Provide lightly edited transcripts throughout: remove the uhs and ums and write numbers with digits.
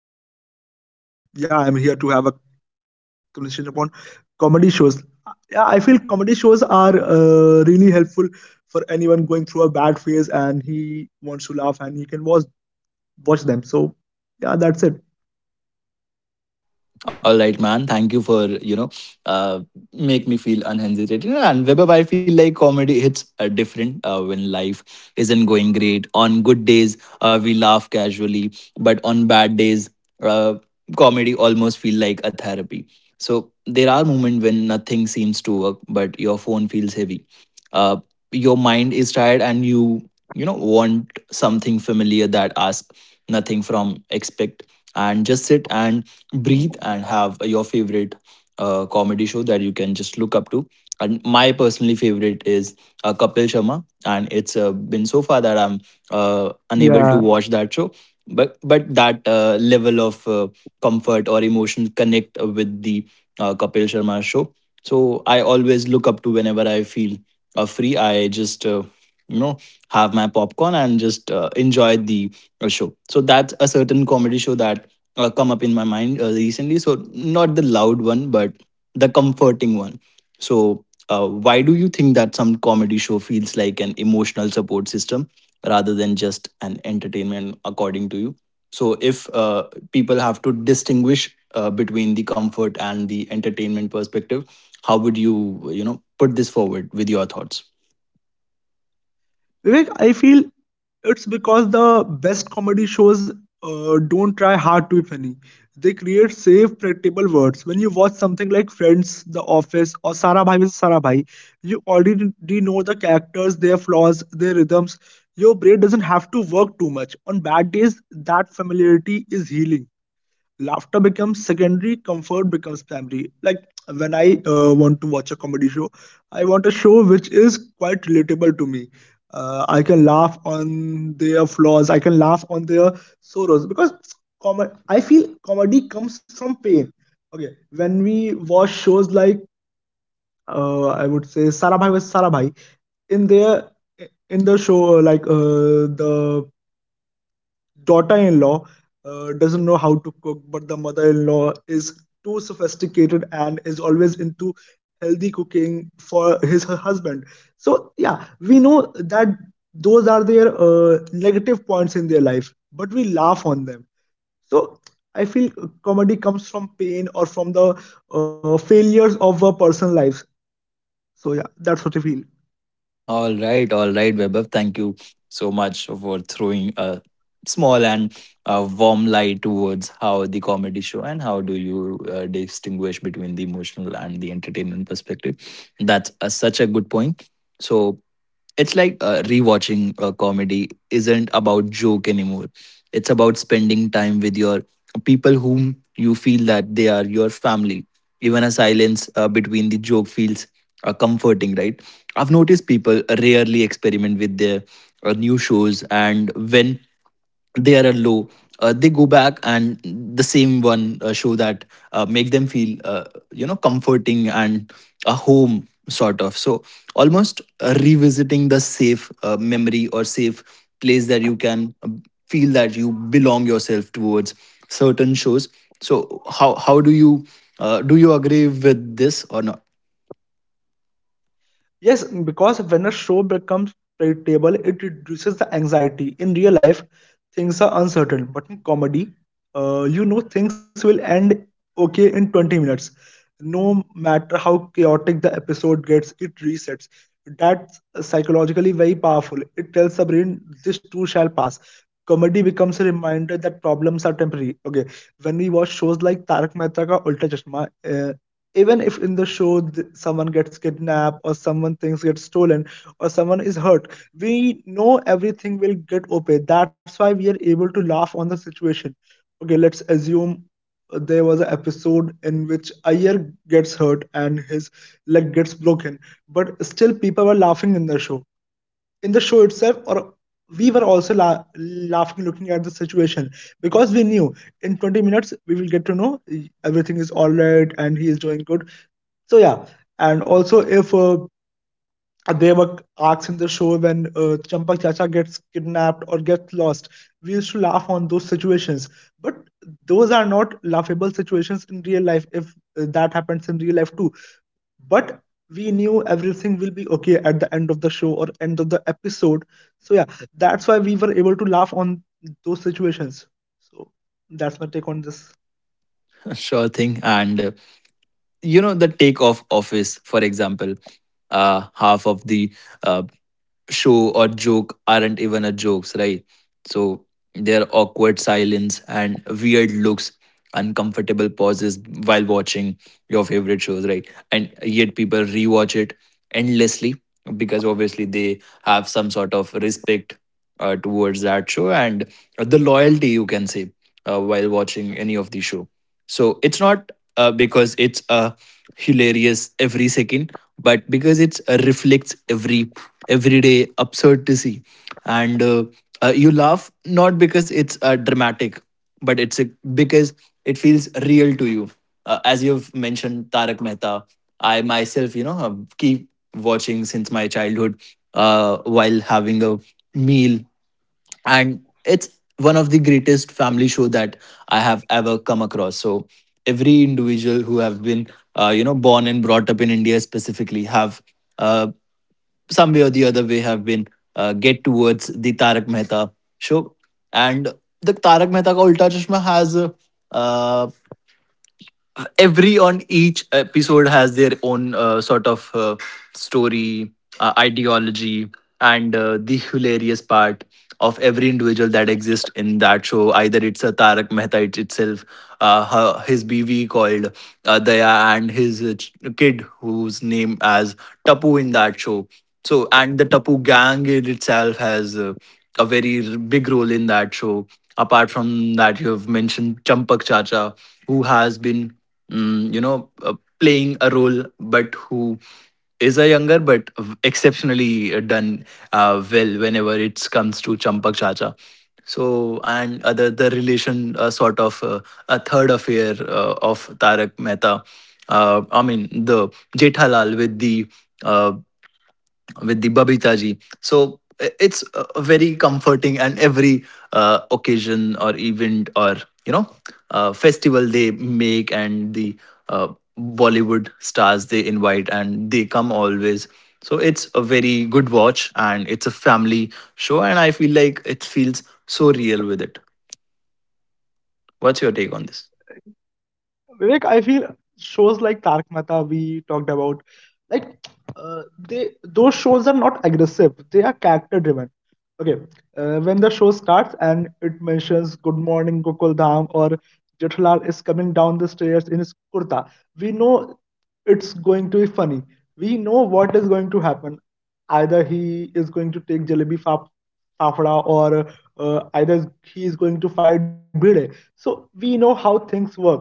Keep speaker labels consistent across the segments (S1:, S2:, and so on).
S1: conversation with you. So yeah, I'm here to have a conversation upon comedy shows. Yeah, I feel comedy shows are really helpful for anyone going through a bad phase and he wants to laugh and he can watch them. So yeah, that's it.
S2: All right, man. Thank you for you know, uh, make me feel unhesitated. And Webab, I feel like comedy hits different when life isn't going great. On good days, we laugh casually, but on bad days, uh, comedy almost feel like a therapy. So there are moments when nothing seems to work, but your phone feels heavy. Uh, your mind is tired, and you know want something familiar that asks nothing from expect and just sit and breathe and have your favorite comedy show that you can just look up to. And my personally favorite is Kapil Sharma, and it's been so far that I'm
S1: Yeah.
S2: unable to watch that show. But that level of comfort or emotion connect with the Kapil Sharma show. So I always look up to whenever I feel free. I just you know have my popcorn and just enjoy the a show. So that's a certain comedy show that come up in my mind recently. So, not the loud one, but the comforting one. So, why do you think that some comedy show feels like an emotional support system rather than just an entertainment, according to you? So, if people have to distinguish between the comfort and the entertainment perspective, how would you, you know, put this forward with your thoughts?
S1: Vivek, I feel it's because the best comedy shows don't try hard to be funny. They create safe, predictable words. When you watch something like Friends, The Office, or Sara Bhai versus Sara Bhai, you already know the characters, their flaws, their rhythms. Your brain doesn't have to work too much. On bad days, that familiarity is healing, laughter becomes secondary, comfort becomes primary. Like when I want to watch a comedy show, I want a show which is quite relatable to me. I can laugh on their flaws, I can laugh on their sorrows because I feel comedy comes from pain. Okay, when we watch shows like, I would say Sarabhai was sarabhai, in their, in the show, like the daughter-in-law doesn't know how to cook, but the mother-in-law is too sophisticated and is always into healthy cooking for his her husband. So yeah, we know that those are their negative points in their life, but we laugh on them. So I feel comedy comes from pain or from the failures of a person's life. So yeah, that's what I feel.
S2: All right, Vaibhav. Thank you so much for throwing a small and a warm light towards how the comedy show and how do you distinguish between the emotional and the entertainment perspective. That's a, such a good point. So it's like rewatching a comedy isn't about joke anymore. It's about spending time with your people whom you feel that they are your family even a silence between the joke feels comforting, right? I've noticed people rarely experiment with their new shows, and when they are a low, they go back and the same one show that make them feel you know comforting and a home sort of. So almost revisiting the safe memory or safe place that you can feel that you belong yourself towards certain shows. So how do you agree with this or not?
S1: Yes, because when a show becomes predictable, it reduces the anxiety. In real life, things are uncertain, but in comedy, you know things will end okay in 20 minutes. No matter how chaotic the episode gets, it resets. That's psychologically very powerful. It tells the brain this too shall pass. Comedy becomes a reminder that problems are temporary. Okay, when we watch shows like Tarak Mehta Ka Ulta Chashma, uh, even if in the show someone gets kidnapped or someone things get stolen or someone is hurt, we know everything will get okay. That's why we are able to laugh on the situation. Okay, let's assume there was an episode in which Ayer gets hurt and his leg gets broken, but still people were laughing in the show, in the show itself, or we were also laughing looking at the situation because we knew in 20 minutes we will get to know everything is all right and he is doing good. So yeah, and also if there were arcs in the show when Champak Chacha gets kidnapped or gets lost, we used to laugh on those situations. But those are not laughable situations in real life. If that happens in real life too, but we knew everything will be okay at the end of the show or end of the episode. So yeah, that's why we were able to laugh on those situations. So that's my take on this.
S2: Sure thing. And you know, the take off office, for example, half of the uh, show or joke aren't even a jokes, right? So there are awkward silence and weird looks, uncomfortable pauses while watching your favorite shows, right? And yet people rewatch it endlessly because obviously they have some sort of respect towards that show and the loyalty you can say while watching any of the show. So it's not because it's hilarious every second but because it reflects everyday absurdity and you laugh not because it's dramatic but it's a, because it feels real to you. As you've mentioned, Tarak Mehta, I myself, you know, keep watching since my childhood while having a meal, and it's one of the greatest family show that I have ever come across. So every individual who have been, you know, born and brought up in India specifically have. Uh, some way or the other way have been get towards the Tarak Mehta show. And the Tarak Mehta Ka Ulta Chashma has uh, every on each episode has their own sort of story ideology and the hilarious part of every individual that exists in that show either it's a Tarak Mehta itself her, his bv called Daya and his kid whose name as Tapu in that show. So and the Tapu gang in itself has a very big role in that show. Apart from that you have mentioned Champak Chacha who has been you know, playing a role, but who is a younger but exceptionally done well whenever it comes to Champak Chacha. So and other the relation sort of a third affair of Tarak Mehta. I mean the Jethalal uh, with the Babita ji. So it's a very comforting, and every occasion or event or you know festival they make and the uh, Bollywood stars they invite and they come always. So it's a very good watch and it's a family show, and I feel like it feels so real with it. What's your take on this?
S1: Vivek, I feel shows like Tarak Mehta we talked about, like uh, they those shows are not aggressive. They are character driven. Okay, when the show starts and it mentions "Good morning, Gokuldham" or Jethalal is coming down the stairs in his kurta, we know it's going to be funny. We know what is going to happen. Either he is going to take jalebi fap fafda or either he is going to fight Bhide. So we know how things work.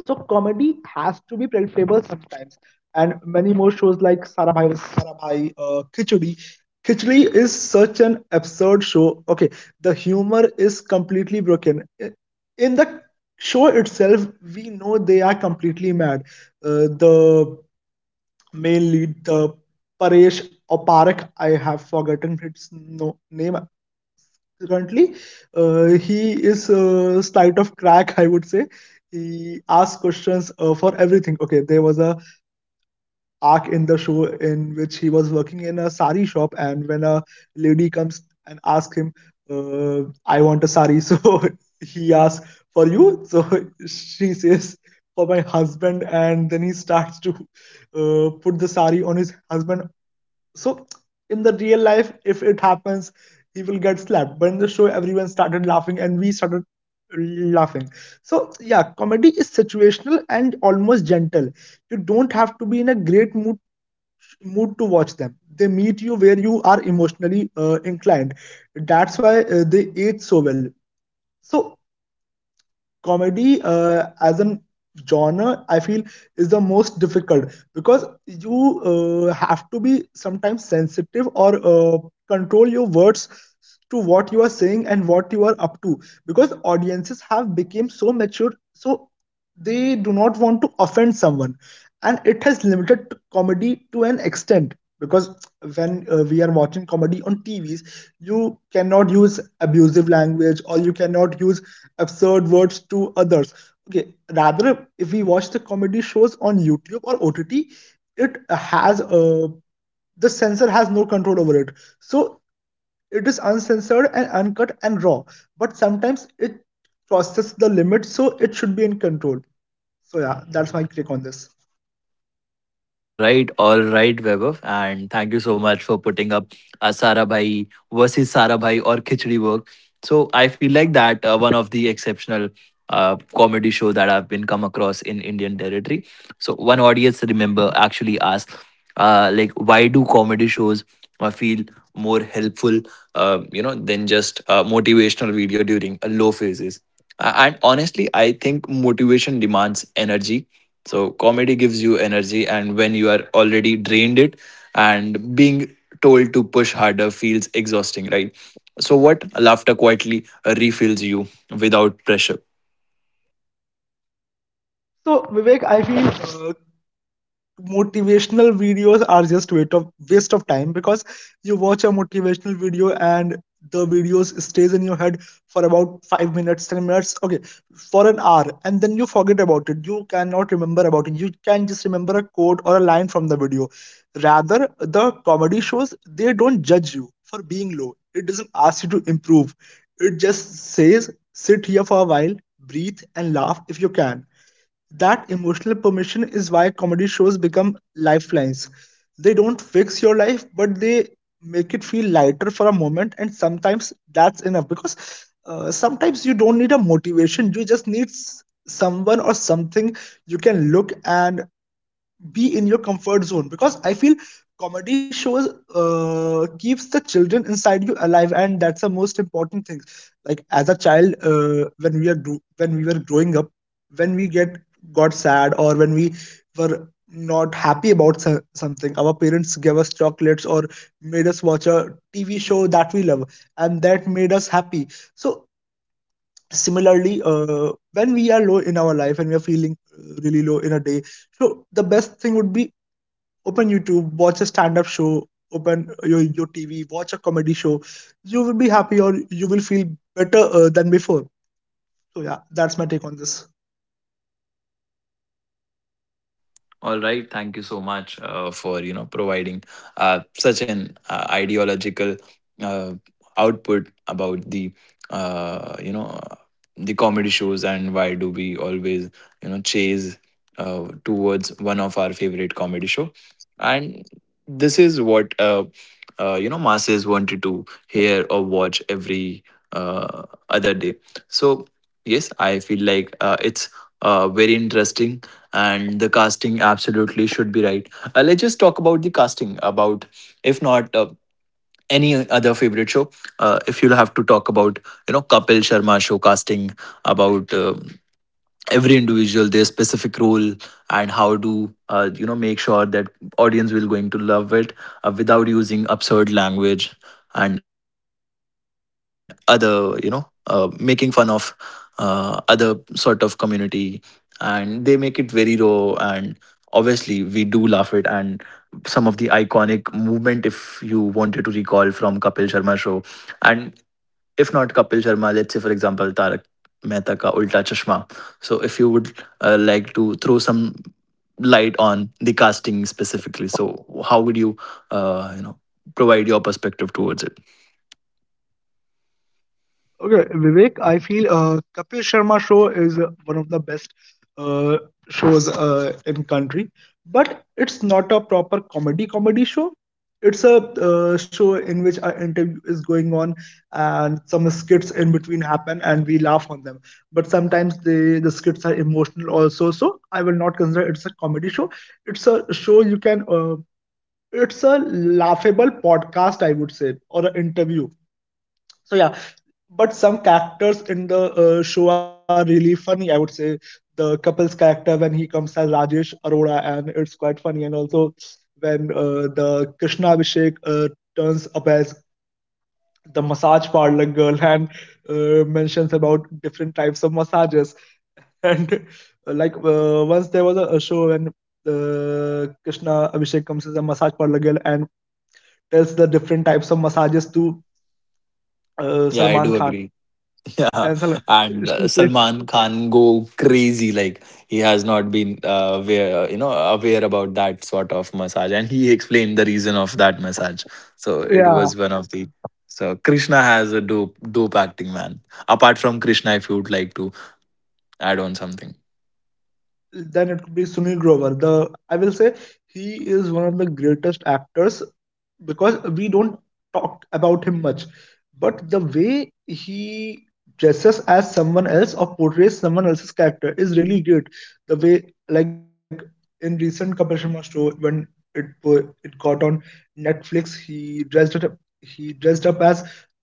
S1: So comedy has to be palatable sometimes, and many more shows like Sarabhai versus sarabhai, Khichdi. Khichdi is such an absurd show. Okay, the humor is completely broken. In the show itself, we know they are completely mad. The main lead, the Paresh or Parak, I have forgotten his, no, name currently. He is slight of crack, I would say. He asks questions for everything. Okay, there was a arc in the show in which he was working in a sari shop, and when a lady comes and asks him, "I want a sari." So he asks, "For you?" So she says, "For my husband." And then he starts to put the sari on his husband. So in the real life if it happens, he will get slapped, but in the show everyone started laughing and we started laughing. So yeah, comedy is situational and almost gentle. You don't have to be in a great mood to watch them. They meet you where you are emotionally inclined. That's why they age so well. So comedy, as an genre, I feel is the most difficult because you have to be sometimes sensitive or control your words to what you are saying and what you are up to, because audiences have become so mature, so they do not want to offend someone, and it has limited comedy to an extent because when we are watching comedy on TVs, you cannot use abusive language or you cannot use absurd words to others. Okay, rather, if we watch the comedy shows on YouTube or OTT, it has, the censor has no control over it. So it is uncensored and uncut and raw. But sometimes it crosses the limit, so it should be in control. So yeah, that's my take on this.
S2: All right, Vaibhav, and thank you so much for putting up Sara Bhai versus Sara Bhai or Khichdi work. So I feel like that one of the exceptional comedy show that I've been come across in Indian territory. So one audience remember actually asked, like, why do comedy shows feel more helpful, you know, than just a motivational video during a low phases? And honestly, I think motivation demands energy so comedy gives you energy, and when you are already drained, it and being told to push harder feels exhausting, right? So what laughter quietly refills you without pressure.
S1: So Vivek, I feel motivational videos are just waste of time, because you watch a motivational video and the videos stays in your head for about 5 minutes, 10 minutes, okay, for an hour, and then you forget about it. You cannot remember about it. You can just remember a quote or a line from the video. Rather, the comedy shows, they don't judge you for being low. It doesn't ask you to improve. It just says sit here for a while, breathe, and laugh if you can. That emotional permission is why comedy shows become lifelines. They don't fix your life, but they make it feel lighter for a moment, and sometimes that's enough, because sometimes you don't need a motivation, you just need someone or something you can look and be in your comfort zone. Because I feel comedy shows keeps the children inside you alive, and that's the most important thing. Like as a child, when we are when we were growing up, when we get got sad, or when we were not happy about something, our parents gave us chocolates or made us watch a TV show that we love, and that made us happy. So similarly, when we are low in our life and we are feeling really low in a day, so the best thing would be, open YouTube, watch a stand-up show, open your TV, watch a comedy show. You will be happy, or you will feel better than before. So yeah, that's my take on this.
S2: All right, thank you so much for you know providing such an ideological uh, output about the you know the comedy shows and why do we always you know chase towards one of our favorite comedy show and this is what you know masses wanted to hear or watch every uh, other day. So yes I feel like it's very interesting and the casting absolutely should be right. Let's just talk about the casting. About if not any other favorite show, if you'll have to talk about you know Kapil Sharma show casting, about every individual their specific role and how to you know make sure that audience will going to love it without using absurd language and other you know making fun of other sort of community and they make it very raw and obviously we do laugh it and some of the iconic movement if you wanted to recall from Kapil Sharma show and if not Kapil Sharma, let's say for example Tarak Mehta ka Ulta Chashma. So if you would like to throw some light on the casting specifically, so how would you you know provide your perspective towards it?
S1: Okay, Vivek, I feel Kapil Sharma show is one of the best uh, shows in country, but it's not a proper comedy show. It's a show in which an interview is going on and some skits in between happen and we laugh on them. But sometimes the skits are emotional also. So I will not consider it's a comedy show. It's a show you can. It's a laughable podcast, I would say, or an interview. So yeah, but some characters in the show are really funny. I would say the couple's character when he comes as Rajesh Arora, and it's quite funny. And also when the Krishna Abhishek turns up as the massage parlor girl and mentions about different types of massages. And like once there was a show when Krishna Abhishek comes as a massage parlor girl and tells the different types of massages to
S2: Yeah, I
S1: Salman
S2: do
S1: Khan.
S2: agree. Yeah,
S1: And
S2: and
S1: she,
S2: Salman Khan go crazy. Like he has not been aware, you know, aware about that sort of massage, and he explained the reason of that massage. So it was
S1: yeah,
S2: one of the. So Krishna has a dope, dope acting man. Apart from Krishna, if you would like to add on something,
S1: then it could be Sunil Grover. The I will say he is one of the greatest actors because we don't talk about him much, but the way he dresses as someone else or portrays someone else's character is really great. The way like in recent Kapil Sharma show when it got on Netflix, he dressed it up. He dressed up as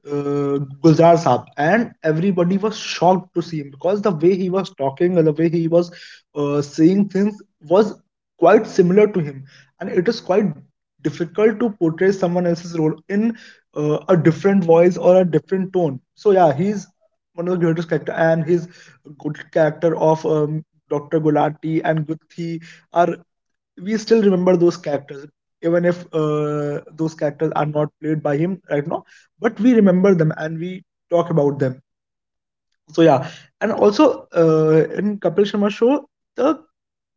S1: Gulzar Saab, and everybody was shocked to see him because the way he was talking and the way he was saying things was quite similar to him, and it is quite difficult to portray someone else's role in a different voice or a different tone. So yeah, he's one of the greatest character, and his good character of Dr. Gulati and Guthi are we still remember those characters even if those characters are not played by him right now, but we remember them and we talk about them. So yeah. And also, in Kapil Sharma show, the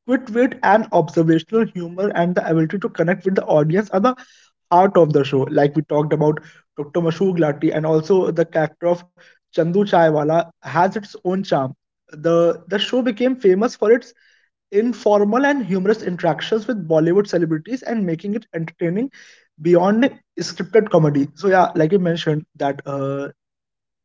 S1: quick wit and observational humor and the ability to connect with the audience are the heart of the show, like we talked about Dr. Mashoor Glati, and also the character of Chandu Chaiwala has its own charm. The show became famous for its informal and humorous interactions with Bollywood celebrities and making it entertaining beyond scripted comedy. So yeah, like you mentioned that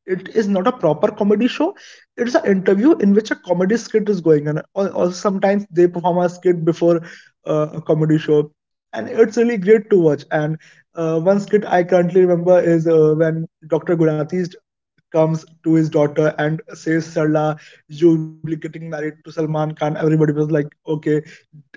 S1: it is not a proper comedy show. It's an interview in which a comedy skit is going on. Or sometimes they perform a skit before a comedy show, and it's really great to watch. And one skit I currently remember is when Dr. Gulati comes to his daughter and says, "Sarla, you will be getting married to Salman Khan." Everybody was like, "Okay."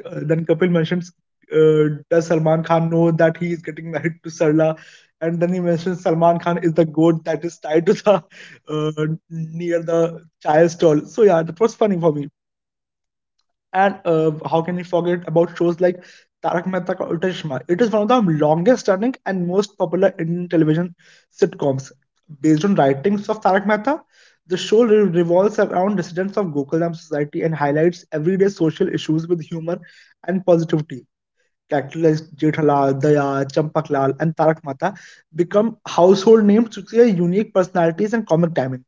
S1: Then Kapil mentions, does Salman Khan know that he is getting married to Sarla? And then he mentions Salman Khan is the goat that is tied to the near the child stall. So yeah, that was funny for me. And how can we forget about shows like Tarak Mehta Ka Ulta Chashma? It is one of the longest-running and most popular Indian television sitcoms. Based on writings of Tarak Mehta, the show revolves around residents of Gokulam society and highlights everyday social issues with humor and positivity. Characters like Jethalal, Daya, Champaklal, and Tarak Mehta become household names due to their unique personalities and comic timing.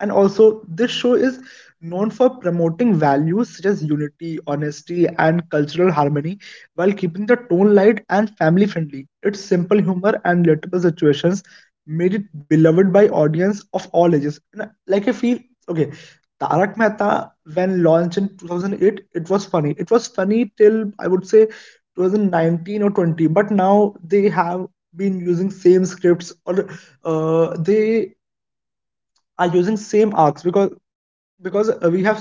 S1: And also, this show is known for promoting values such as unity, honesty, and cultural harmony while keeping the tone light and family friendly. Its simple humor and relatable situations made it beloved by audience of all ages. And like I feel, okay, Tarak Mehta, when launched in 2008, it was funny. It was funny till I would say 2019 or 20, but now they have been using same scripts, or they are using same arcs, because we have seen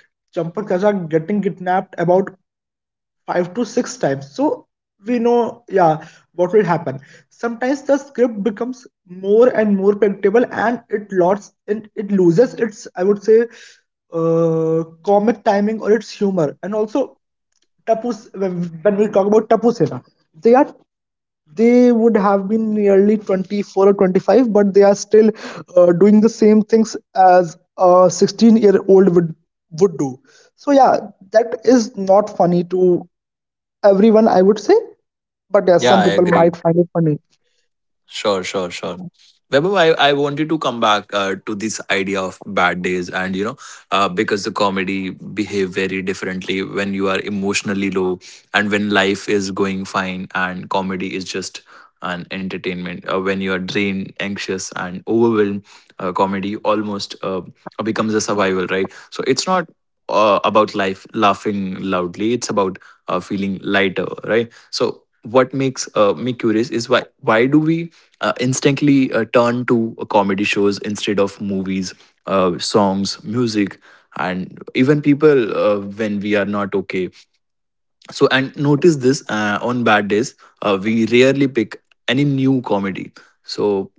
S1: Champak Chacha getting kidnapped about five to six times, so we know, yeah, what will happen. Sometimes the script becomes more and more predictable, and it loses its, I would say, uh, comic timing or its humor. And also, Tapu, when when we talk about Tapu Sena, they are they would have been nearly 24 or 25, but they are still doing the same things as a 16-year-old year old would do. So yeah, that is not funny to everyone, I would say, but yes,
S2: yeah,
S1: some
S2: I
S1: people might
S2: agree.
S1: find it funny.
S2: Sure, sure, sure. Vaibhav, I wanted to come back to this idea of bad days, and you know, because the comedy behave very differently when you are emotionally low, and when life is going fine, and comedy is just an entertainment. When you are drained, anxious, and overwhelmed, comedy almost becomes a survival, right? So it's not about life laughing loudly; it's about feeling lighter, right? So what makes me curious is why do we instantly turn to comedy shows instead of movies, songs, music, and even people when we are not okay. So, and notice this on bad days, we rarely pick any new comedy. So,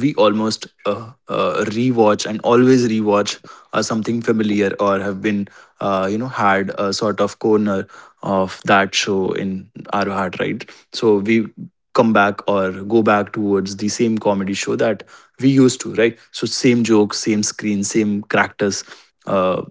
S2: we almost rewatch and always rewatch something familiar or have been, you know, had a sort of corner of that show in our heart, right? So, we come back or go back towards the same comedy show that we used to, right? So, same jokes, same screen, same characters. Uh,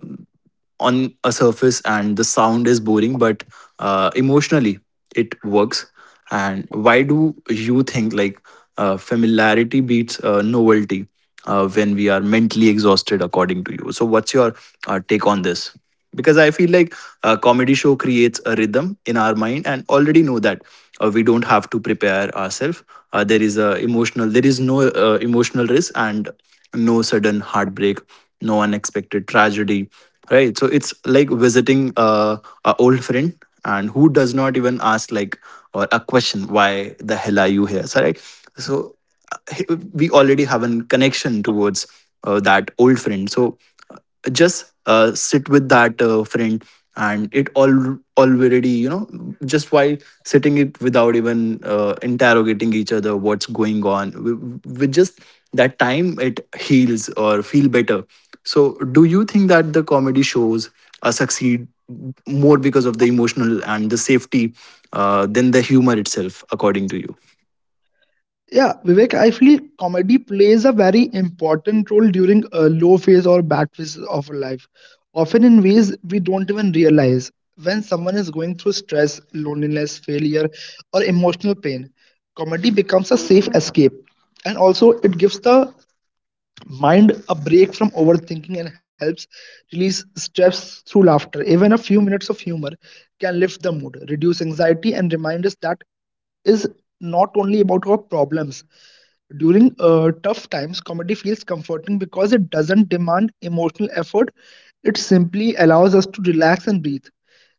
S2: on a surface and the sound is boring but emotionally it works. And why do you think like familiarity beats novelty when we are mentally exhausted according to you, so what's your take on this? Because I feel like a comedy show creates a rhythm in our mind and already know that we don't have to prepare ourselves. There is a emotional, there is no emotional risk and no sudden heartbreak, no unexpected tragedy. Right. So it's like visiting a old friend and who does not even ask like or a question, why the hell are you here? So right. So uh, we already have a connection towards that old friend. So uh, just sit with that friend, and it all already, you know, just while sitting it without even interrogating each other what's going on with just that time it heals or feel better. So do you think that the comedy shows succeed more because of the emotional and the safety than the humor itself, according to you?
S1: Yeah, Vivek, I feel comedy plays a very important role during a low phase or bad phases of our life, often in ways we don't even realize. When someone is going through stress, loneliness, failure, or emotional pain, comedy becomes a safe escape. And also, it gives the mind a break from overthinking and helps release stress through laughter. Even a few minutes of humor can lift the mood, reduce anxiety, and remind us that is not only about our problems. During tough times, comedy feels comforting because it doesn't demand emotional effort. It simply allows us to relax and breathe.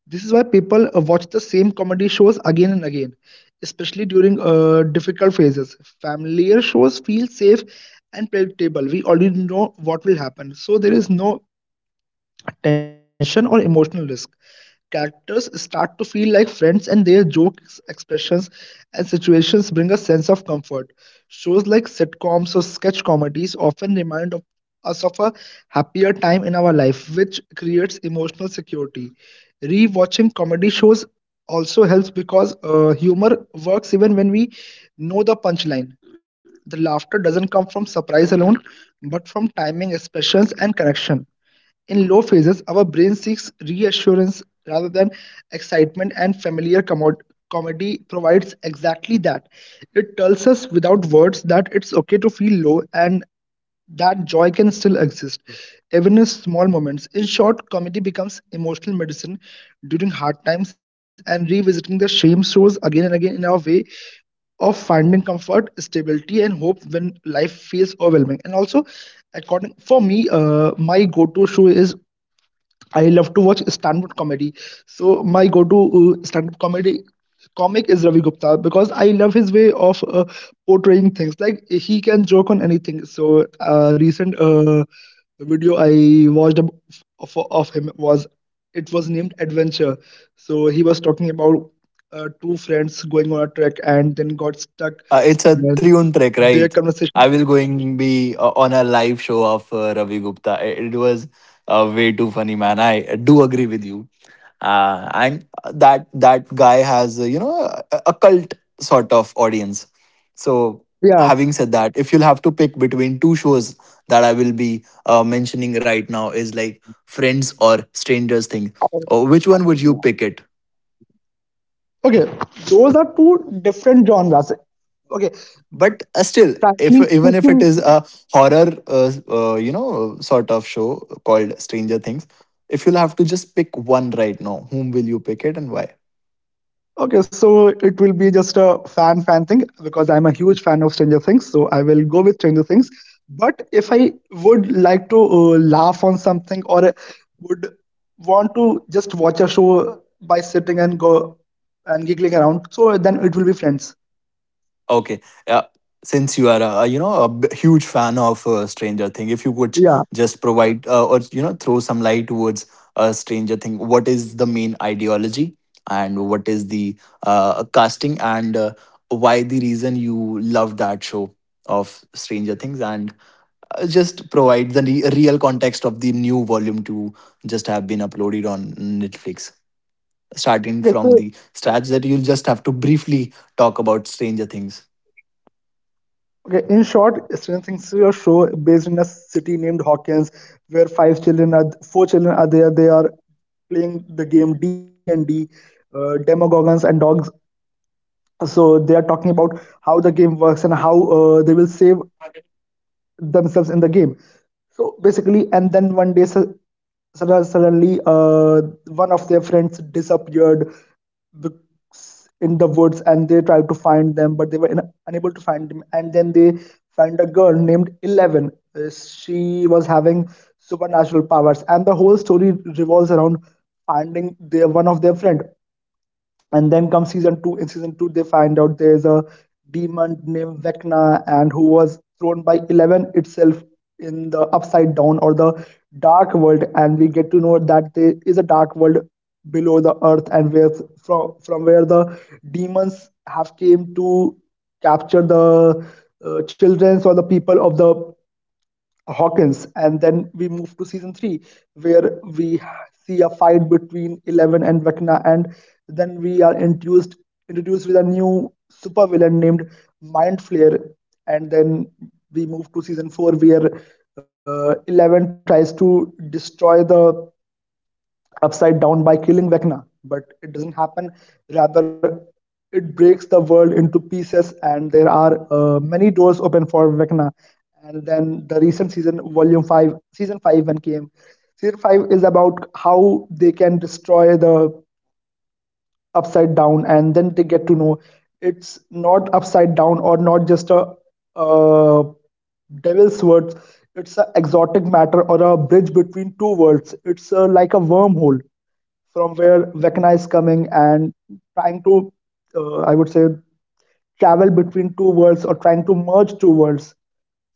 S1: This is why people watch the same comedy shows again and again, especially during difficult phases. Familiar shows feel safe and predictable. We already know what will happen, so there is no tension or emotional risk. Characters start to feel like friends, and their jokes, expressions, and situations bring a sense of comfort. Shows like sitcoms or sketch comedies often remind of us of a happier time in our life, which creates emotional security. Rewatching comedy shows also helps because humor works even when we know the punchline. The laughter doesn't come from surprise alone, but from timing, expressions, and connection. In low phases, our brain seeks reassurance rather than excitement, and comedy provides exactly that. It tells us without words that it's okay to feel low and that joy can still exist, even in small moments. In short, comedy becomes emotional medicine during hard times, and revisiting the same shows again and again in our way of finding comfort, stability, and hope when life feels overwhelming. And also, according for me, my go-to shoe is I love to watch stand-up comedy. So my go-to stand-up comedy comic is Ravi Gupta, because I love his way of portraying things. Like he can joke on anything. So recent video I watched of him was it was named Adventure. So he was talking about two friends going on a trek and then got stuck.
S2: It's
S1: And
S2: a
S1: then
S2: triun
S1: their
S2: trek, right?
S1: conversation.
S2: I will going be on a live show of Ravi Gupta. It was way too funny, man. I do agree with you. And that guy has you know a cult sort of audience. So
S1: Yeah.
S2: having said that, if you'll have to pick between two shows that I will be mentioning right now is like Friends or Strangers thing. Which one would you pick? It
S1: Okay. Those are two different genres. Okay.
S2: but still, if
S1: Frankly
S2: even if it
S1: speaking,
S2: is a horror you know sort of show called Stranger Things, if you'll have to just pick one right now, whom will you pick it and why?
S1: okay, so it will be just a fan thing, because I'm a huge fan of Stranger Things, so I will go with Stranger Things. But if I would like to laugh on something, or would want to just watch a show by sitting and go and giggling around, so then it will be Friends.
S2: Okay. uh, since you are a, you know a huge fan of Stranger Thing, if you could
S1: Yeah.
S2: just provide or you know throw some light towards Stranger Thing, what is the main ideology and what is the casting, and why the reason you love that show of Stranger Things, and just provide the real context of the new volume to just have been uploaded on Netflix. Starting
S1: Okay,
S2: from
S1: so
S2: the stats that you'll just have to briefly talk about Stranger Things.
S1: okay, in short, Stranger Things is a show based in a city named Hawkins, where five children are four children are there. They are playing the game D&D. Demogorgons and dogs, so they are talking about how the game works and how they will save themselves in the game. So basically, and then one day suddenly one of their friends disappeared bec- in the woods, and they tried to find them, but they were unable to find them, and then they find a girl named Eleven. She was having supernatural powers, and the whole story revolves around finding their one of their friend. And then comes season two. In season two, they find out there's a demon named Vecna, and who was thrown by Eleven itself in the upside down or the dark world, and we get to know that there is a dark world below the earth, and where from where the demons have came to capture the children or the people of the Hawkins. And then we move to season three, where we see a fight between Eleven and Vecna, and then we are introduced with a new supervillain named Mind Flayer. And then we move to season four, where Eleven tries to destroy the upside down by killing Vecna, but it doesn't happen. Rather, it breaks the world into pieces, and there are many doors open for Vecna. And then the recent season, Volume Five, Season Five, when came, Season Five is about how they can destroy the upside down, and then they get to know it's not upside down or not just a uh, devil's words. It's an exotic matter or a bridge between two worlds. It's like a wormhole from where Vecna is coming and trying to, I would say, travel between two worlds or trying to merge two worlds.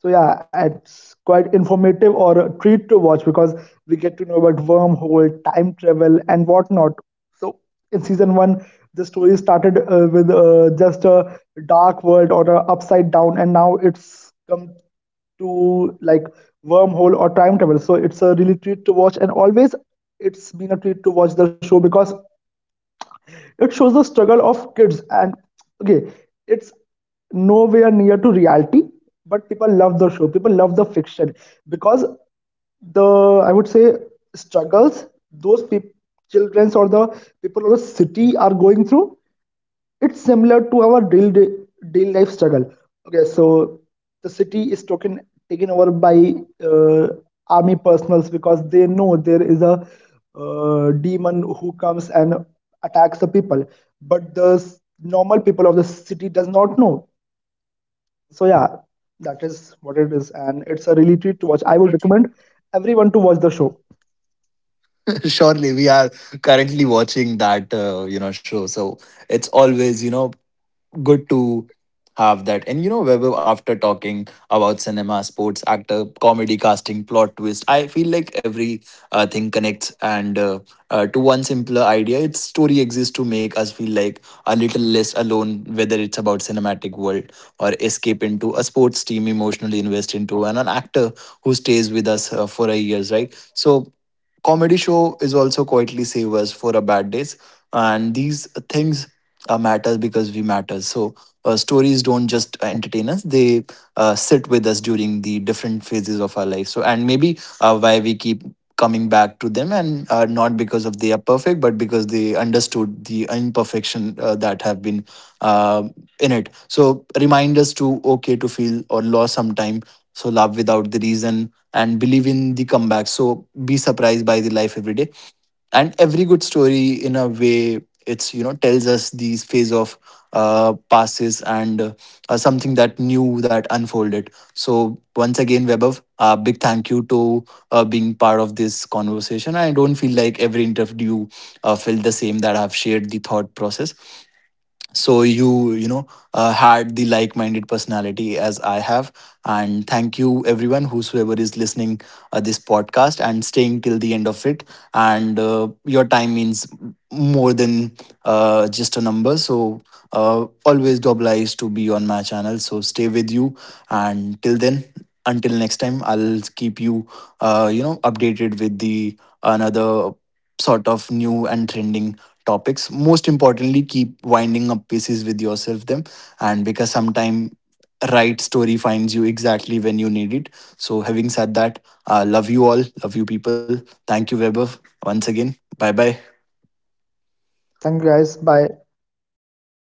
S1: So yeah, it's quite informative or a treat to watch, because we get to know about wormhole, time travel, and whatnot. So in season one, the story started with just a dark world or a upside down, and now it's come to like wormhole or time travel. So it's a really treat to watch, and always it's been a treat to watch the show, because it shows the struggle of kids. And okay, it's nowhere near to reality, but people love the show, people love the fiction, because the, I would say, struggles those peop children or the people of the city are going through, it's similar to our daily life struggle. Okay, so the city is taken over by uh, army personals, because they know there is a demon who comes and attacks the people, but the normal people of the city does not know. So yeah, that is what it is, and it's a really treat to watch. I would recommend everyone to watch the show.
S2: Surely we are currently watching that you know show, so it's always you know good to have that. And you know, Vaibhav, after talking about cinema, sports, actor, comedy, casting, plot twist, I feel like every thing connects. And to one simpler idea, its story exists to make us feel like a little less alone, whether it's about cinematic world or escape into a sports team emotionally invest into, and an actor who stays with us for a years, right? So comedy show is also quietly save us for a bad days, and these things matter because we matter. So stories don't just entertain us; they sit with us during the different phases of our life. So and maybe why we keep coming back to them, and not because of they are perfect, but because they understood the imperfection that have been uh, in it. So remind us to okay to feel or lost sometime. So love without the reason and believe in the comeback. So be surprised by the life every day, and every good story in a way, it's you know tells us these phase of passes, and something that new that unfolded. So once again, webov, a big thank you to being part of this conversation. I don't feel like every interview felt the same, that I've shared the thought process. So you know had the like-minded personality as I have. And thank you everyone whosoever is listening this podcast and staying till the end of it. And your time means more than just a number. So always do obliged to be on my channel, so stay with you. And till then, until next time, I'll keep you you know updated with the another sort of new and trending topics. Most importantly, keep winding up pieces with yourself them. And because sometime, right, story finds you exactly when you need it. So having said that, love you all, love you people, thank you, weber, once again, bye bye.
S1: Thank you guys, bye.